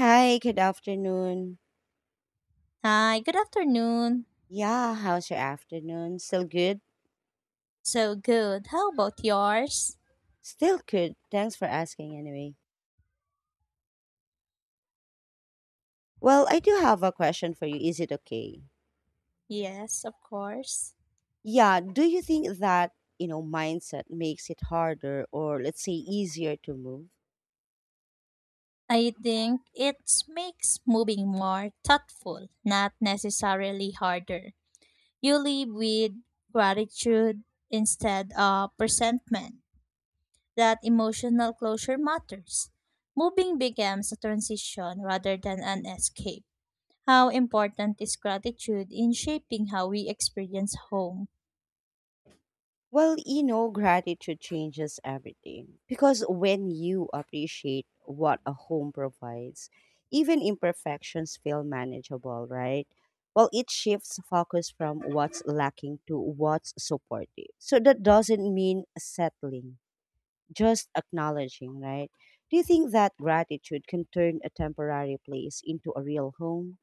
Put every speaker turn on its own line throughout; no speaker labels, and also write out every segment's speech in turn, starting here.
Hi, good afternoon.
Hi, good afternoon.
Yeah, how's your afternoon? Still good?
So good. How about yours?
Still good. Thanks for asking anyway. Well, I do have a question for you. Is it okay?
Yes, of course.
Yeah, do you think that, mindset makes it harder or let's say easier to move?
I think it makes moving more thoughtful, not necessarily harder. You live with gratitude instead of resentment. That emotional closure matters. Moving becomes a transition rather than an escape. How important is gratitude in shaping how we experience home?
Well, gratitude changes everything because when you appreciate what a home provides, even imperfections feel manageable, right? Well, it shifts focus from what's lacking to what's supportive. So that doesn't mean settling, just acknowledging, right? Do you think that gratitude can turn a temporary place into a real home?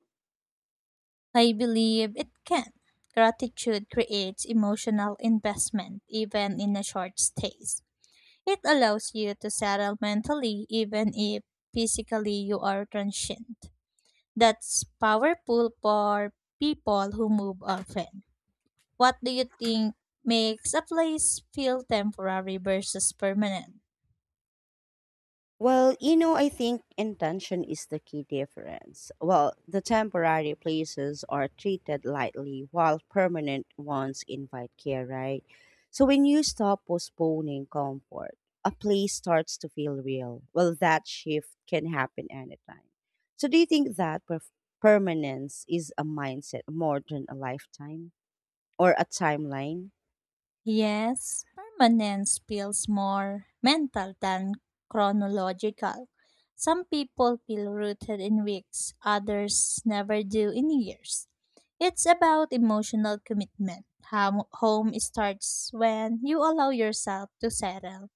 I believe it can. Gratitude creates emotional investment even in a short stays. It allows you to settle mentally even if physically you are transient. That's powerful for people who move often. What do you think makes a place feel temporary versus permanent?
Well, I think intention is the key difference. Well, the temporary places are treated lightly while permanent ones invite care, right? So when you stop postponing comfort, a place starts to feel real. Well, that shift can happen anytime. So do you think that permanence is a mindset more than a lifetime or a timeline?
Yes, permanence feels more mental than chronological. Some people feel rooted in weeks, others never do in years. It's about emotional commitment. How home starts when you allow yourself to settle.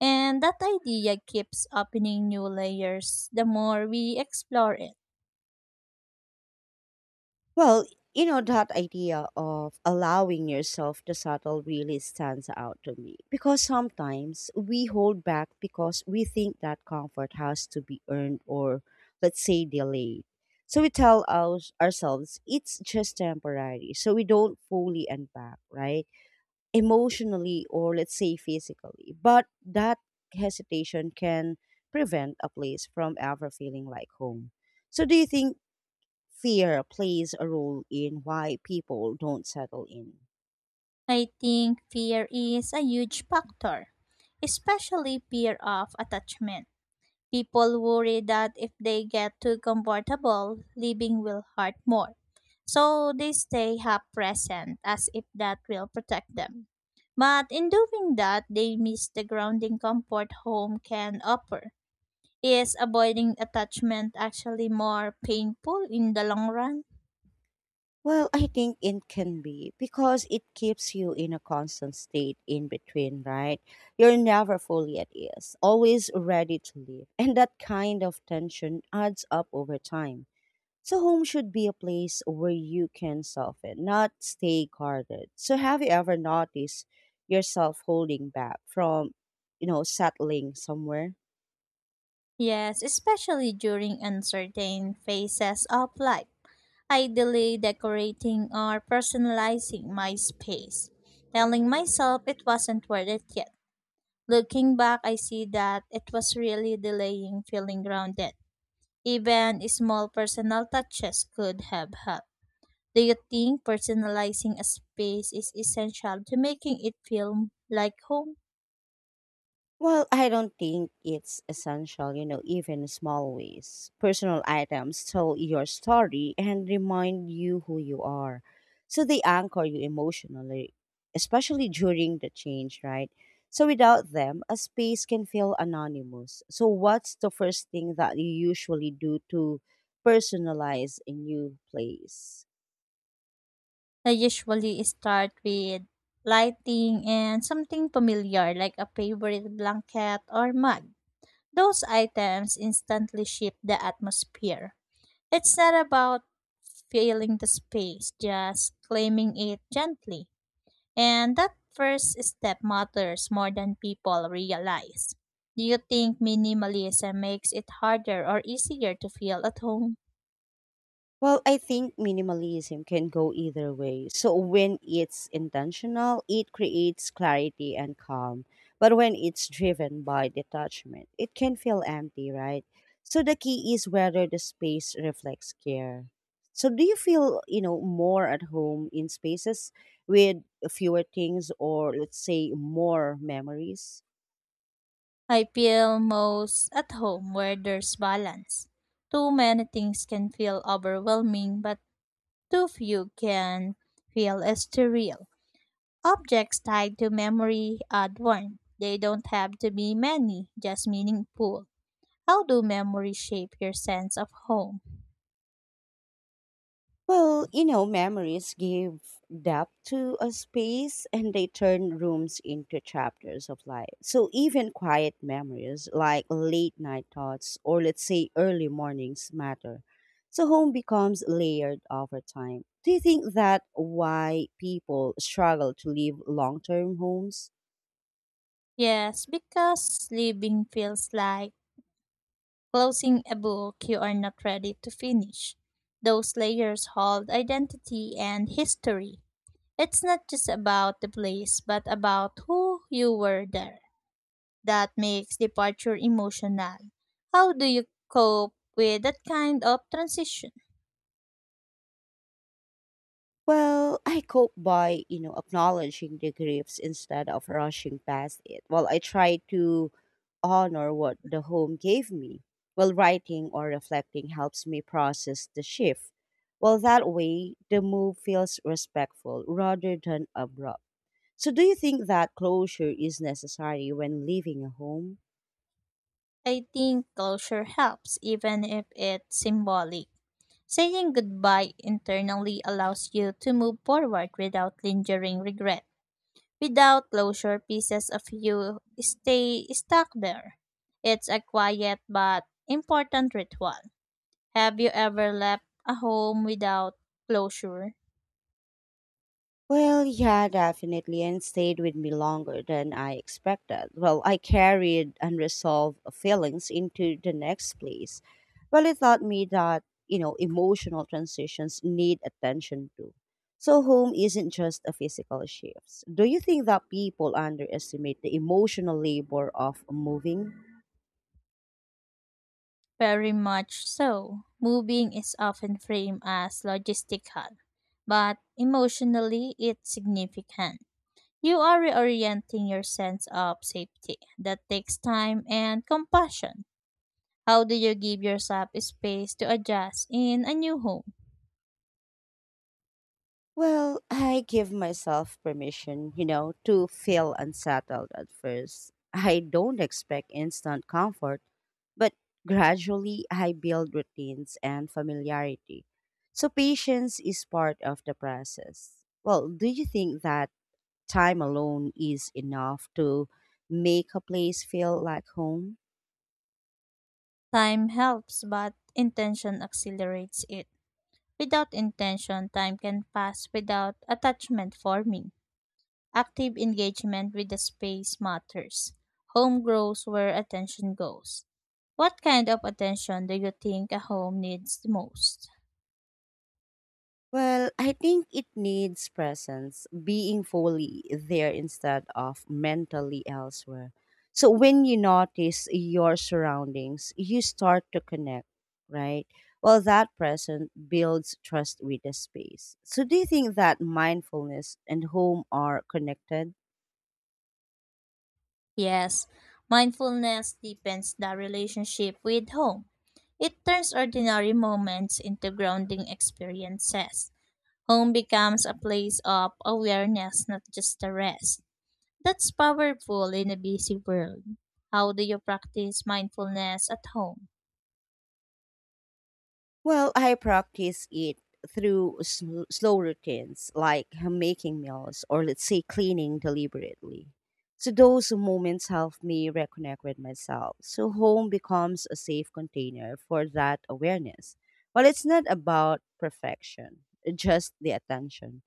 And that idea keeps opening new layers the more we explore it.
Well, that idea of allowing yourself to settle really stands out to me because sometimes we hold back because we think that comfort has to be earned or, let's say, delayed. So we tell ourselves it's just temporary. So we don't fully unpack, right? Emotionally or, let's say, physically. But that hesitation can prevent a place from ever feeling like home. So do you think fear plays a role in why people don't settle in?
I think fear is a huge factor, especially fear of attachment. People worry that if they get too comfortable, living will hurt more. So they stay half present as if that will protect them. But in doing that, they miss the grounding comfort home can offer. Is avoiding attachment actually more painful in the long run?
Well, I think it can be because it keeps you in a constant state in between, right? You're never fully at ease, always ready to leave. And that kind of tension adds up over time. So, home should be a place where you can soften, not stay guarded. So, have you ever noticed yourself holding back from, settling somewhere?
Yes, especially during uncertain phases of life. I delay decorating or personalizing my space, telling myself it wasn't worth it yet. Looking back, I see that it was really delaying feeling grounded. Even small personal touches could have helped. Do you think personalizing a space is essential to making it feel like home?
Well, I don't think it's essential, even small ways. Personal items tell your story and remind you who you are. So they anchor you emotionally, especially during the change, right? So without them, a space can feel anonymous. So what's the first thing that you usually do to personalize a new place?
I usually start with lighting and something familiar like a favorite blanket or mug. Those items instantly shift the atmosphere. It's not about filling the space, just claiming it gently. And that first step matters more than people realize. Do you think minimalism makes it harder or easier to feel at home?
Well, I think minimalism can go either way. So when it's intentional, it creates clarity and calm. But when it's driven by detachment, it can feel empty, right? So the key is whether the space reflects care. So do you feel, more at home in spaces with fewer things or let's say more memories?
I feel most at home where there's balance. Too many things can feel overwhelming, but too few can feel surreal. Objects tied to memory add one. They don't have to be many, just meaningful. How do memories shape your sense of home?
Well, memories give depth to a space and they turn rooms into chapters of life. So even quiet memories like late night thoughts or let's say early mornings matter. So home becomes layered over time. Do you think that why people struggle to leave long-term homes?
Yes, because living feels like closing a book you are not ready to finish. Those layers hold identity and history. It's not just about the place, but about who you were there. That makes departure emotional. How do you cope with that kind of transition?
Well, I cope by, acknowledging the griefs instead of rushing past it. Well, I try to honor what the home gave me. Well, writing or reflecting helps me process the shift. Well, that way, the move feels respectful rather than abrupt. So, do you think that closure is necessary when leaving a home?
I think closure helps, even if it's symbolic. Saying goodbye internally allows you to move forward without lingering regret. Without closure, pieces of you stay stuck there. It's a quiet but important ritual. Have you ever left a home without closure?
Well, yeah, definitely, and stayed with me longer than I expected. Well, I carried unresolved feelings into the next place. Well, it taught me that, emotional transitions need attention too. So, home isn't just a physical shift. Do you think that people underestimate the emotional labor of moving?
Very much so. Moving is often framed as logistical, but emotionally it's significant. You are reorienting your sense of safety. That takes time and compassion. How do you give yourself space to adjust in a new home?
Well, I give myself permission, to feel unsettled at first. I don't expect instant comfort, but gradually I build routines and familiarity. So patience is part of the process. Well, do you think that time alone is enough to make a place feel like home?
Time helps, but intention accelerates it. Without intention, time can pass without attachment forming. Active engagement with the space matters. Home grows where attention goes. What kind of attention do you think a home needs the most?
Well, I think it needs presence, being fully there instead of mentally elsewhere. So when you notice your surroundings, you start to connect, right? Well, that presence builds trust with the space. So do you think that mindfulness and home are connected?
Yes, mindfulness deepens the relationship with home. It turns ordinary moments into grounding experiences. Home becomes a place of awareness, not just a rest. That's powerful in a busy world. How do you practice mindfulness at home?
Well, I practice it through slow routines like making meals or let's say cleaning deliberately. So those moments help me reconnect with myself. So home becomes a safe container for that awareness. Well, it's not about perfection, just the attention.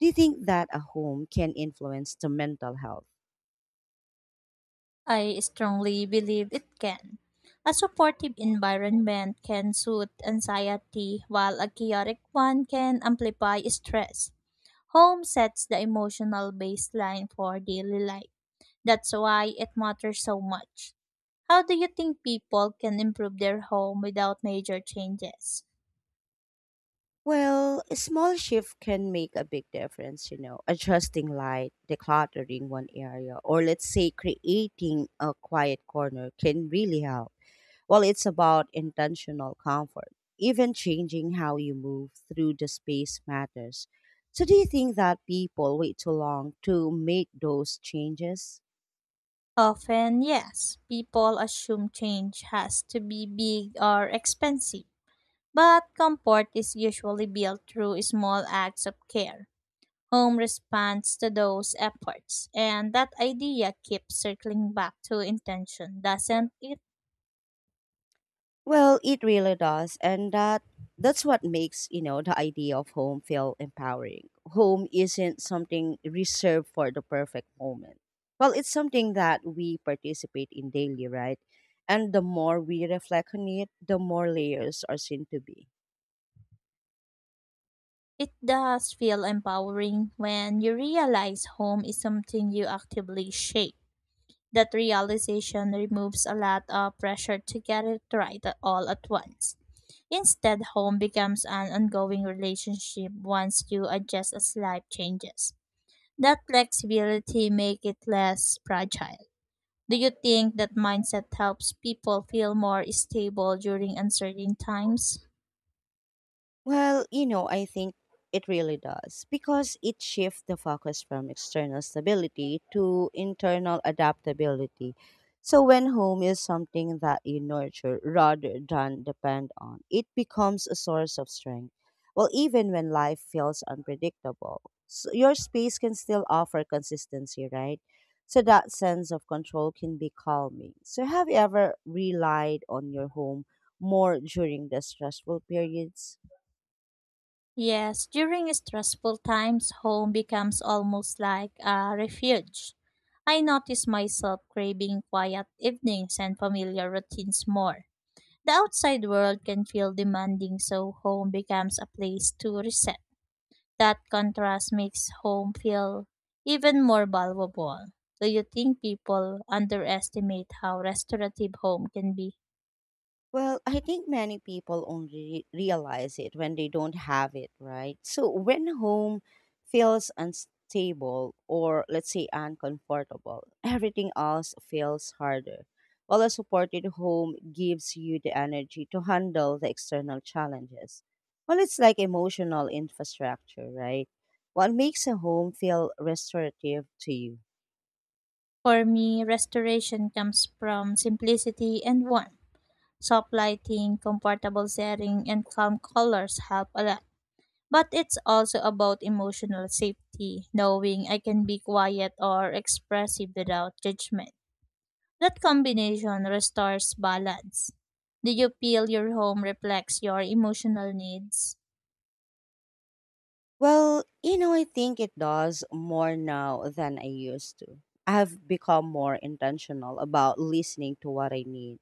Do you think that a home can influence the mental health?
I strongly believe it can. A supportive environment can soothe anxiety, while a chaotic one can amplify stress. Home sets the emotional baseline for daily life. That's why it matters so much. How do you think people can improve their home without major changes?
Well, a small shift can make a big difference, adjusting light, decluttering one area, or let's say creating a quiet corner can really help. Well, it's about intentional comfort. Even changing how you move through the space matters. So, do you think that people wait too long to make those changes?
Often, yes, people assume change has to be big or expensive, but comfort is usually built through small acts of care. Home responds to those efforts, and that idea keeps circling back to intention, doesn't it?
Well, it really does, and that's what makes the idea of home feel empowering. Home isn't something reserved for the perfect moment. Well, it's something that we participate in daily, right? And the more we reflect on it, the more layers are seen to be.
It does feel empowering when you realize home is something you actively shape. That realization removes a lot of pressure to get it all at once. Instead, home becomes an ongoing relationship once you adjust as life changes. That flexibility makes it less fragile. Do you think that mindset helps people feel more stable during uncertain times?
Well, I think it really does because it shifts the focus from external stability to internal adaptability. So, when home is something that you nurture rather than depend on, it becomes a source of strength. Well, even when life feels unpredictable, so your space can still offer consistency, right? So, that sense of control can be calming. So, have you ever relied on your home more during the stressful periods?
Yes, during stressful times, home becomes almost like a refuge. I notice myself craving quiet evenings and familiar routines more. The outside world can feel demanding, so home becomes a place to reset. That contrast makes home feel even more valuable. Do you think people underestimate how restorative home can be?
Well, I think many people only realize it when they don't have it, right? So when home feels unstable or let's say uncomfortable, everything else feels harder. While a supported home gives you the energy to handle the external challenges. Well, it's like emotional infrastructure, right? What makes a home feel restorative to you?
For me, restoration comes from simplicity and warmth. Soft lighting, comfortable setting, and calm colors help a lot. But it's also about emotional safety, knowing I can be quiet or expressive without judgment. That combination restores balance. Do you feel your home reflects your emotional needs?
Well, I think it does more now than I used to. I have become more intentional about listening to what I need.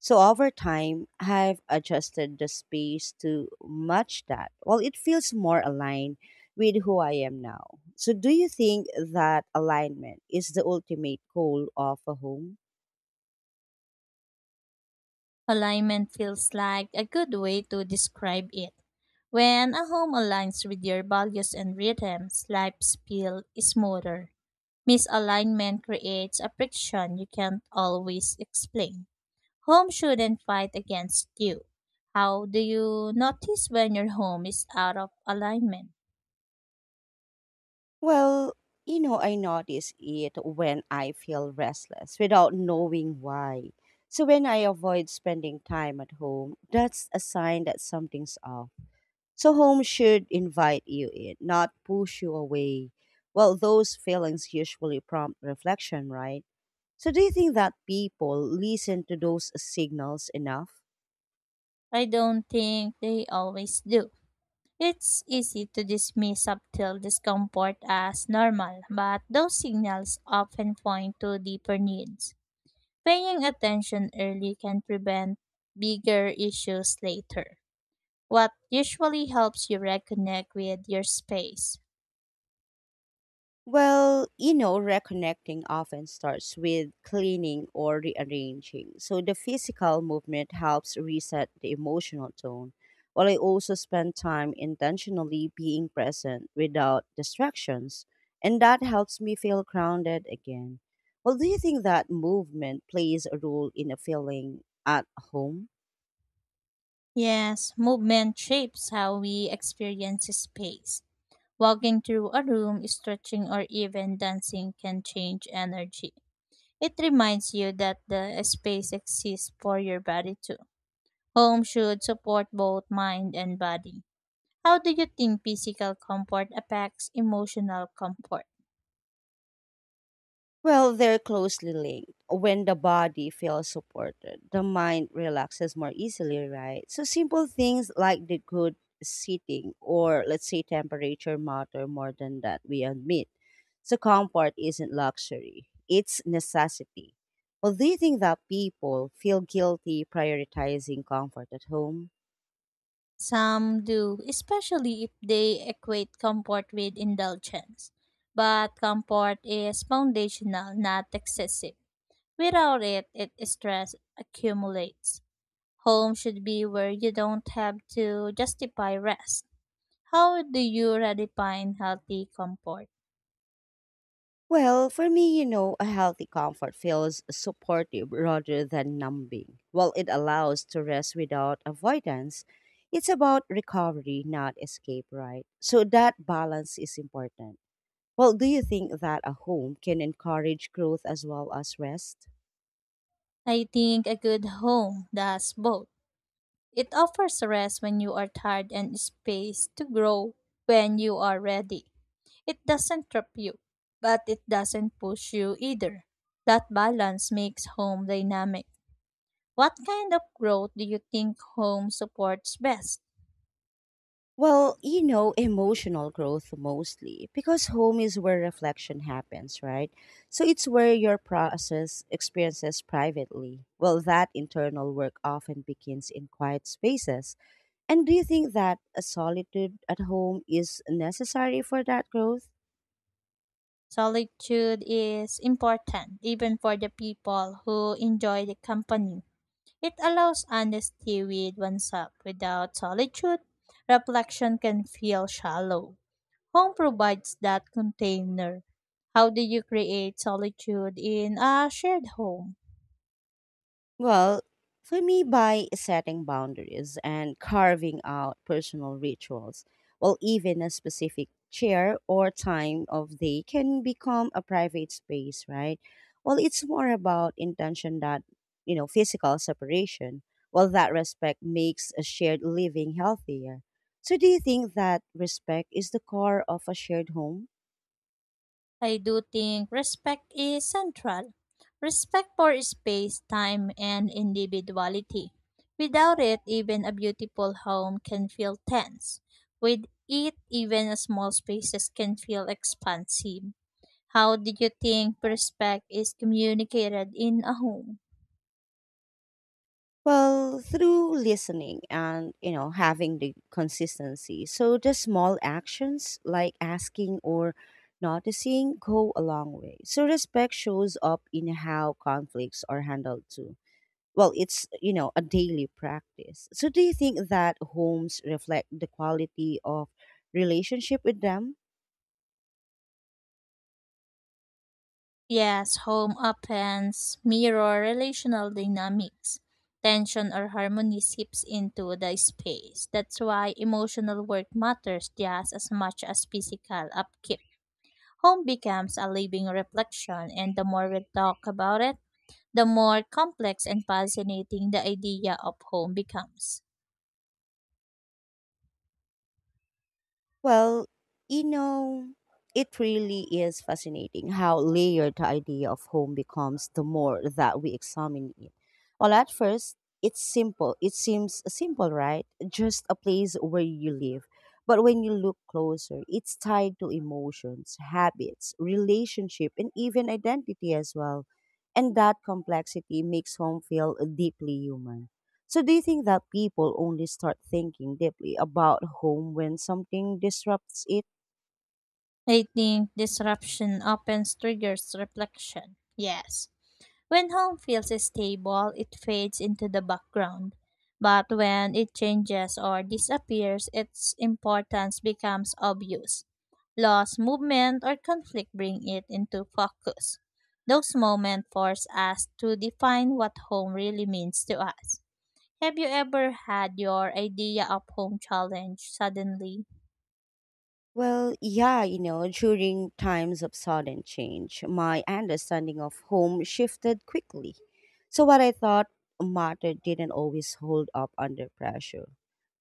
So over time, I've adjusted the space to match that. Well, it feels more aligned with who I am now. So do you think that alignment is the ultimate goal of a home?
Alignment feels like a good way to describe it. When a home aligns with your values and rhythms, life's feel smoother. Misalignment creates a friction you can't always explain. Home shouldn't fight against you. How do you notice when your home is out of alignment?
Well, I notice it when I feel restless without knowing why. So when I avoid spending time at home, that's a sign that something's off. So home should invite you in, not push you away. Well, those feelings usually prompt reflection, right? So do you think that people listen to those signals enough?
I don't think they always do. It's easy to dismiss subtle discomfort as normal, but those signals often point to deeper needs. Paying attention early can prevent bigger issues later. What usually helps you reconnect with your space?
Well, reconnecting often starts with cleaning or rearranging. So the physical movement helps reset the emotional tone, while I also spend time intentionally being present without distractions. And that helps me feel grounded again. Well, do you think that movement plays a role in a feeling at home?
Yes, movement shapes how we experience space. Walking through a room, stretching, or even dancing can change energy. It reminds you that the space exists for your body too. Home should support both mind and body. How do you think physical comfort affects emotional comfort?
Well, they're closely linked. When the body feels supported, the mind relaxes more easily, right? So simple things like the good seating or let's say temperature matter more than that we admit. So comfort isn't luxury, it's necessity. Well, do you think that people feel guilty prioritizing comfort at home?
Some do, especially if they equate comfort with indulgence. But comfort is foundational, not excessive. Without it, it stress accumulates. Home should be where you don't have to justify rest. How do you redefine healthy comfort?
Well, for me, a healthy comfort feels supportive rather than numbing. While it allows to rest without avoidance, it's about recovery, not escape, right? So that balance is important. Well, do you think that a home can encourage growth as well as rest?
I think a good home does both. It offers rest when you are tired and space to grow when you are ready. It doesn't trap you, but it doesn't push you either. That balance makes home dynamic. What kind of growth do you think home supports best?
Well, emotional growth mostly because home is where reflection happens, right? So it's where your process experiences privately. Well, that internal work often begins in quiet spaces. And do you think that a solitude at home is necessary for that growth?
Solitude is important, even for the people who enjoy the company. It allows honesty with oneself. Without solitude, reflection can feel shallow. Home provides that container. How do you create solitude in a shared home?
Well, for me, by setting boundaries and carving out personal rituals, well, even a specific chair or time of day can become a private space, right? Well, it's more about intention that, physical separation. Well, that respect makes a shared living healthier. So, do you think that respect is the core of a shared home?
I do think respect is central. Respect for space, time, and individuality. Without it, even a beautiful home can feel tense. With it, even a small spaces can feel expansive. How do you think respect is communicated in a home?
Well, through listening and, having the consistency. So the small actions like asking or noticing go a long way. So respect shows up in how conflicts are handled too. Well, it's, a daily practice. So do you think that homes reflect the quality of relationship with them?
Yes, home appends mirror relational dynamics. Tension or harmony seeps into the space. That's why emotional work matters just as much as physical upkeep. Home becomes a living reflection, and the more we talk about it, the more complex and fascinating the idea of home becomes.
Well, you know, it really is fascinating how layered the idea of home becomes the more that we examine it. Well, at first, it's simple. It seems simple, right? Just a place where you live. But when you look closer, it's tied to emotions, habits, relationship, and even identity as well. And that complexity makes home feel deeply human. So do you think that people only start thinking deeply about home when something disrupts it?
I think disruption often triggers reflection. Yes. When home feels stable, it fades into the background. But when it changes or disappears, its importance becomes obvious. Loss, movement, or conflict bring it into focus. Those moments force us to define what home really means to us. Have you ever had your idea of home challenged suddenly?
Well, yeah, during times of sudden change, my understanding of home shifted quickly. So, what I thought mattered didn't always hold up under pressure.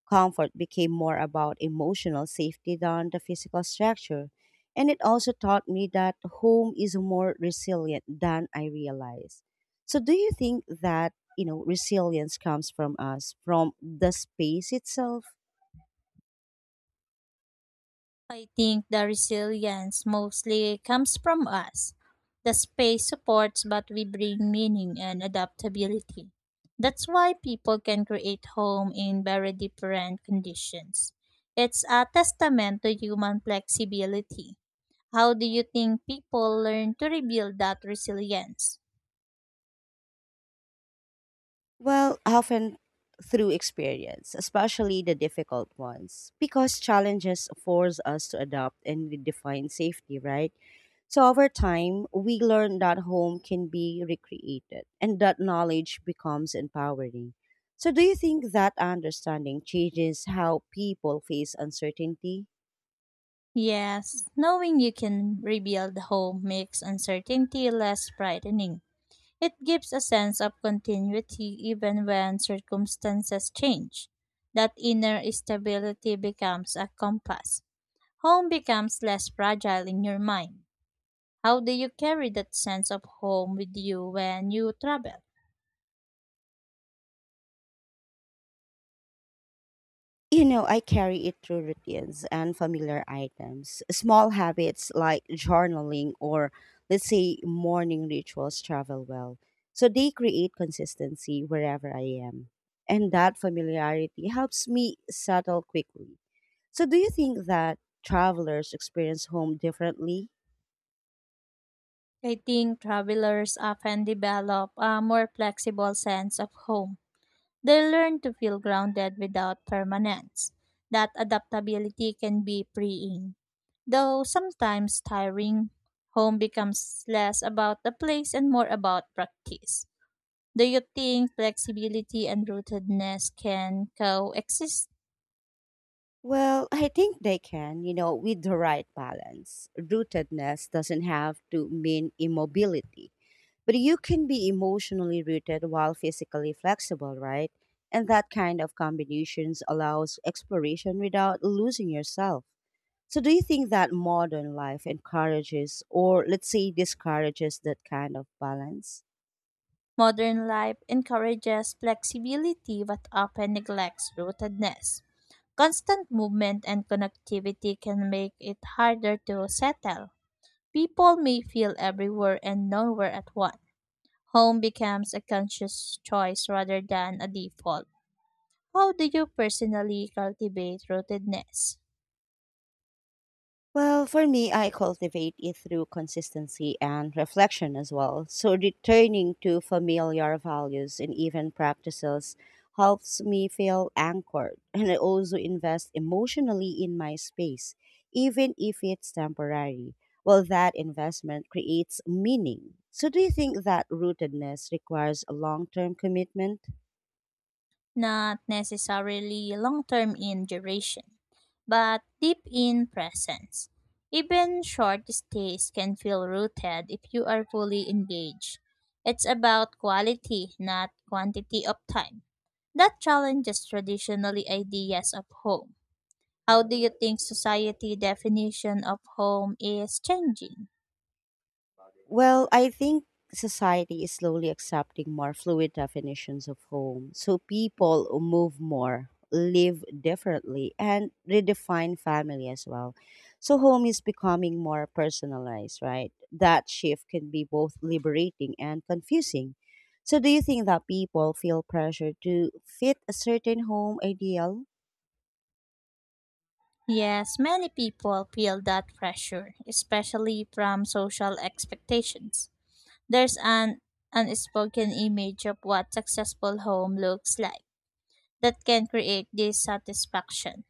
Comfort became more about emotional safety than the physical structure. And it also taught me that home is more resilient than I realized. So, do you think that, resilience comes from us, from the space itself?
I think the resilience mostly comes from us. The space supports, but we bring meaning and adaptability. That's why people can create home in very different conditions. It's a testament to human flexibility. How do you think people learn to rebuild that resilience?
Well, often through experience, especially the difficult ones, because challenges force us to adapt and redefine safety, right? So over time, we learn that home can be recreated and that knowledge becomes empowering. So do you think that understanding changes how people face uncertainty?
Yes, knowing you can rebuild home makes uncertainty less frightening. It gives a sense of continuity even when circumstances change. That inner stability becomes a compass. Home becomes less fragile in your mind. How do you carry that sense of home with you when you travel?
You know, I carry it through routines and familiar items. Small habits like journaling or let's say morning rituals travel well. So they create consistency wherever I am. And that familiarity helps me settle quickly. So, do you think that travelers experience home differently?
I think travelers often develop a more flexible sense of home. They learn to feel grounded without permanence. That adaptability can be freeing. Though sometimes tiring, home becomes less about the place and more about practice. Do you think flexibility and rootedness can coexist?
Well, I think they can, you know, with the right balance. Rootedness doesn't have to mean immobility, but you can be emotionally rooted while physically flexible, right? And that kind of combinations allows exploration without losing yourself. So, do you think that modern life encourages, or let's say discourages, that kind of balance?
Modern life encourages flexibility but often neglects rootedness. Constant movement and connectivity can make it harder to settle. People may feel everywhere and nowhere at once. Home becomes a conscious choice rather than a default. How do you personally cultivate rootedness?
Well, for me, I cultivate it through consistency and reflection as well. So, returning to familiar values and even practices helps me feel anchored. And I also invest emotionally in my space, even if it's temporary. Well, that investment creates meaning. So, do you think that rootedness requires a long term commitment?
Not necessarily long term in duration, but deep in presence. Even short stays can feel rooted if you are fully engaged. It's about quality, not quantity of time. That challenges traditionally ideas of home. How do you think society definition of home is changing?
Well, I think society is slowly accepting more fluid definitions of home. So people move more, live differently, and redefine family as well. So home is becoming more personalized, right? That shift can be both liberating and confusing. So do you think that people feel pressure to fit a certain home ideal?
Yes, many people feel that pressure, especially from social expectations. There's an unspoken image of what successful home looks like that can create dissatisfaction.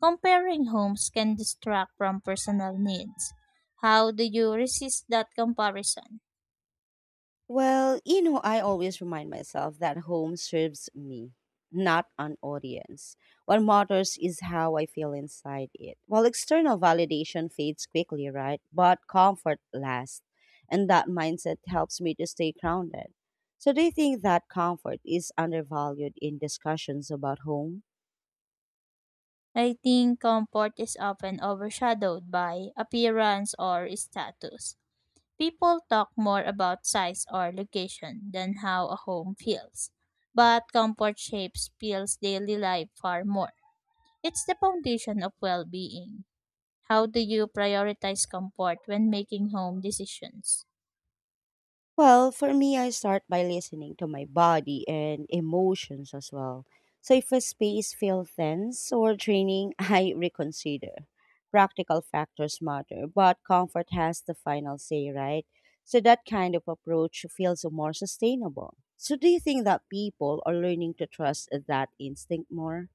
Comparing homes can distract from personal needs. How do you resist that comparison?
Well, you know, I always remind myself that home serves me, not an audience. What matters is how I feel inside it. While external validation fades quickly, right? But comfort lasts. And that mindset helps me to stay grounded. So, do you think that comfort is undervalued in discussions about home?
I think comfort is often overshadowed by appearance or status. People talk more about size or location than how a home feels, but comfort shapes feels daily life far more. It's the foundation of well-being. How do you prioritize comfort when making home decisions?
Well, for me, I start by listening to my body and emotions as well. So if a space feels tense or draining, I reconsider. Practical factors matter, but comfort has the final say, right? So that kind of approach feels more sustainable. So do you think that people are learning to trust that instinct more?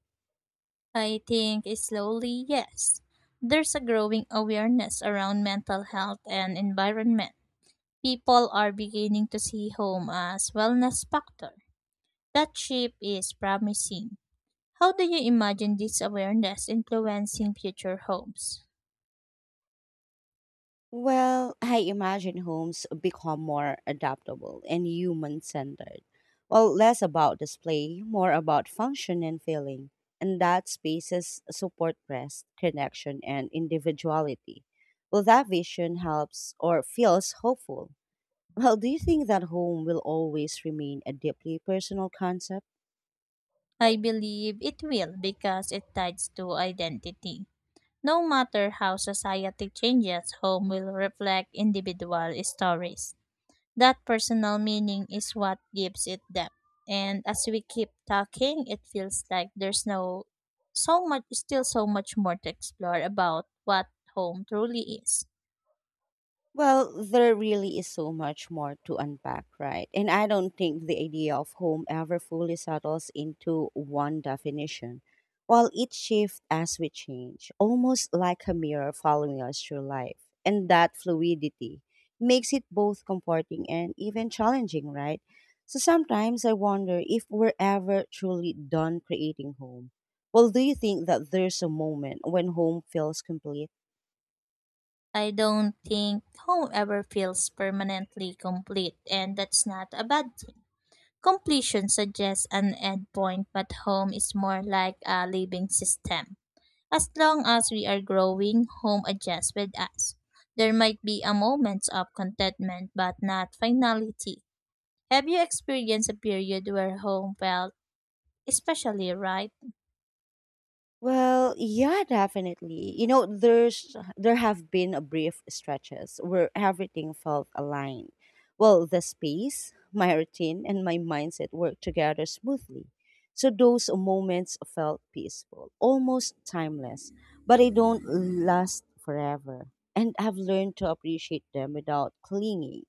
I think slowly, yes. There's a growing awareness around mental health and environment. People are beginning to see home as wellness factor. That shift is promising. How do you imagine this awareness influencing future hopes?
Well, I imagine homes become more adaptable and human centered. Well, less about display, more about function and feeling. And that spaces support rest, connection, and individuality. Well, that vision helps or feels hopeful. Well, do you think that home will always remain a deeply personal concept?
I believe it will because it ties to identity. No matter how society changes, home will reflect individual stories. That personal meaning is what gives it depth. And as we keep talking, it feels like there's no so much still so much more to explore about what home truly is.
Well, there really is so much more to unpack, right? And I don't think the idea of home ever fully settles into one definition. While it shifts as we change, almost like a mirror following us through life. And that fluidity makes it both comforting and even challenging, right? So sometimes I wonder if we're ever truly done creating home. Well, do you think that there's a moment when home feels complete?
I don't think home ever feels permanently complete, and that's not a bad thing. Completion suggests an end point, but home is more like a living system. As long as we are growing, home adjusts with us. There might be a moment of contentment, but not finality. Have you experienced a period where home felt especially right?
Well, yeah, definitely. You know, there have been a brief stretches where everything felt aligned. Well, the space, my routine, and my mindset worked together smoothly. So those moments felt peaceful, almost timeless, but they don't last forever. And I've learned to appreciate them without clinging.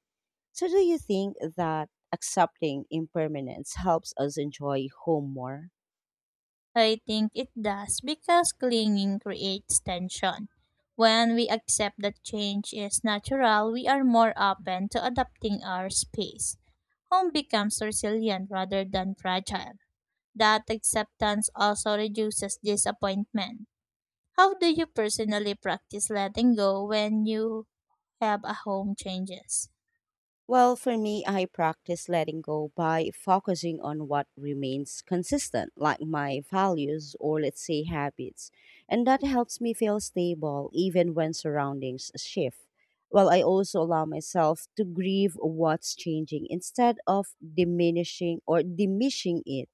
So do you think that accepting impermanence helps us enjoy home more?
I think it does because clinging creates tension. When we accept that change is natural, we are more open to adapting our space. Home becomes resilient rather than fragile. That acceptance also reduces disappointment. How do you personally practice letting go when you have a home changes?
Well, for me, I practice letting go by focusing on what remains consistent, like my values or let's say habits. And that helps me feel stable even when surroundings shift. Well, I also allow myself to grieve what's changing instead of diminishing it.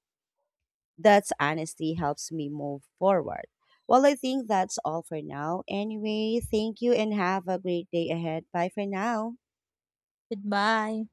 That's honesty helps me move forward. Well, I think that's all for now. Anyway, thank you and have a great day ahead. Bye for now.
Goodbye.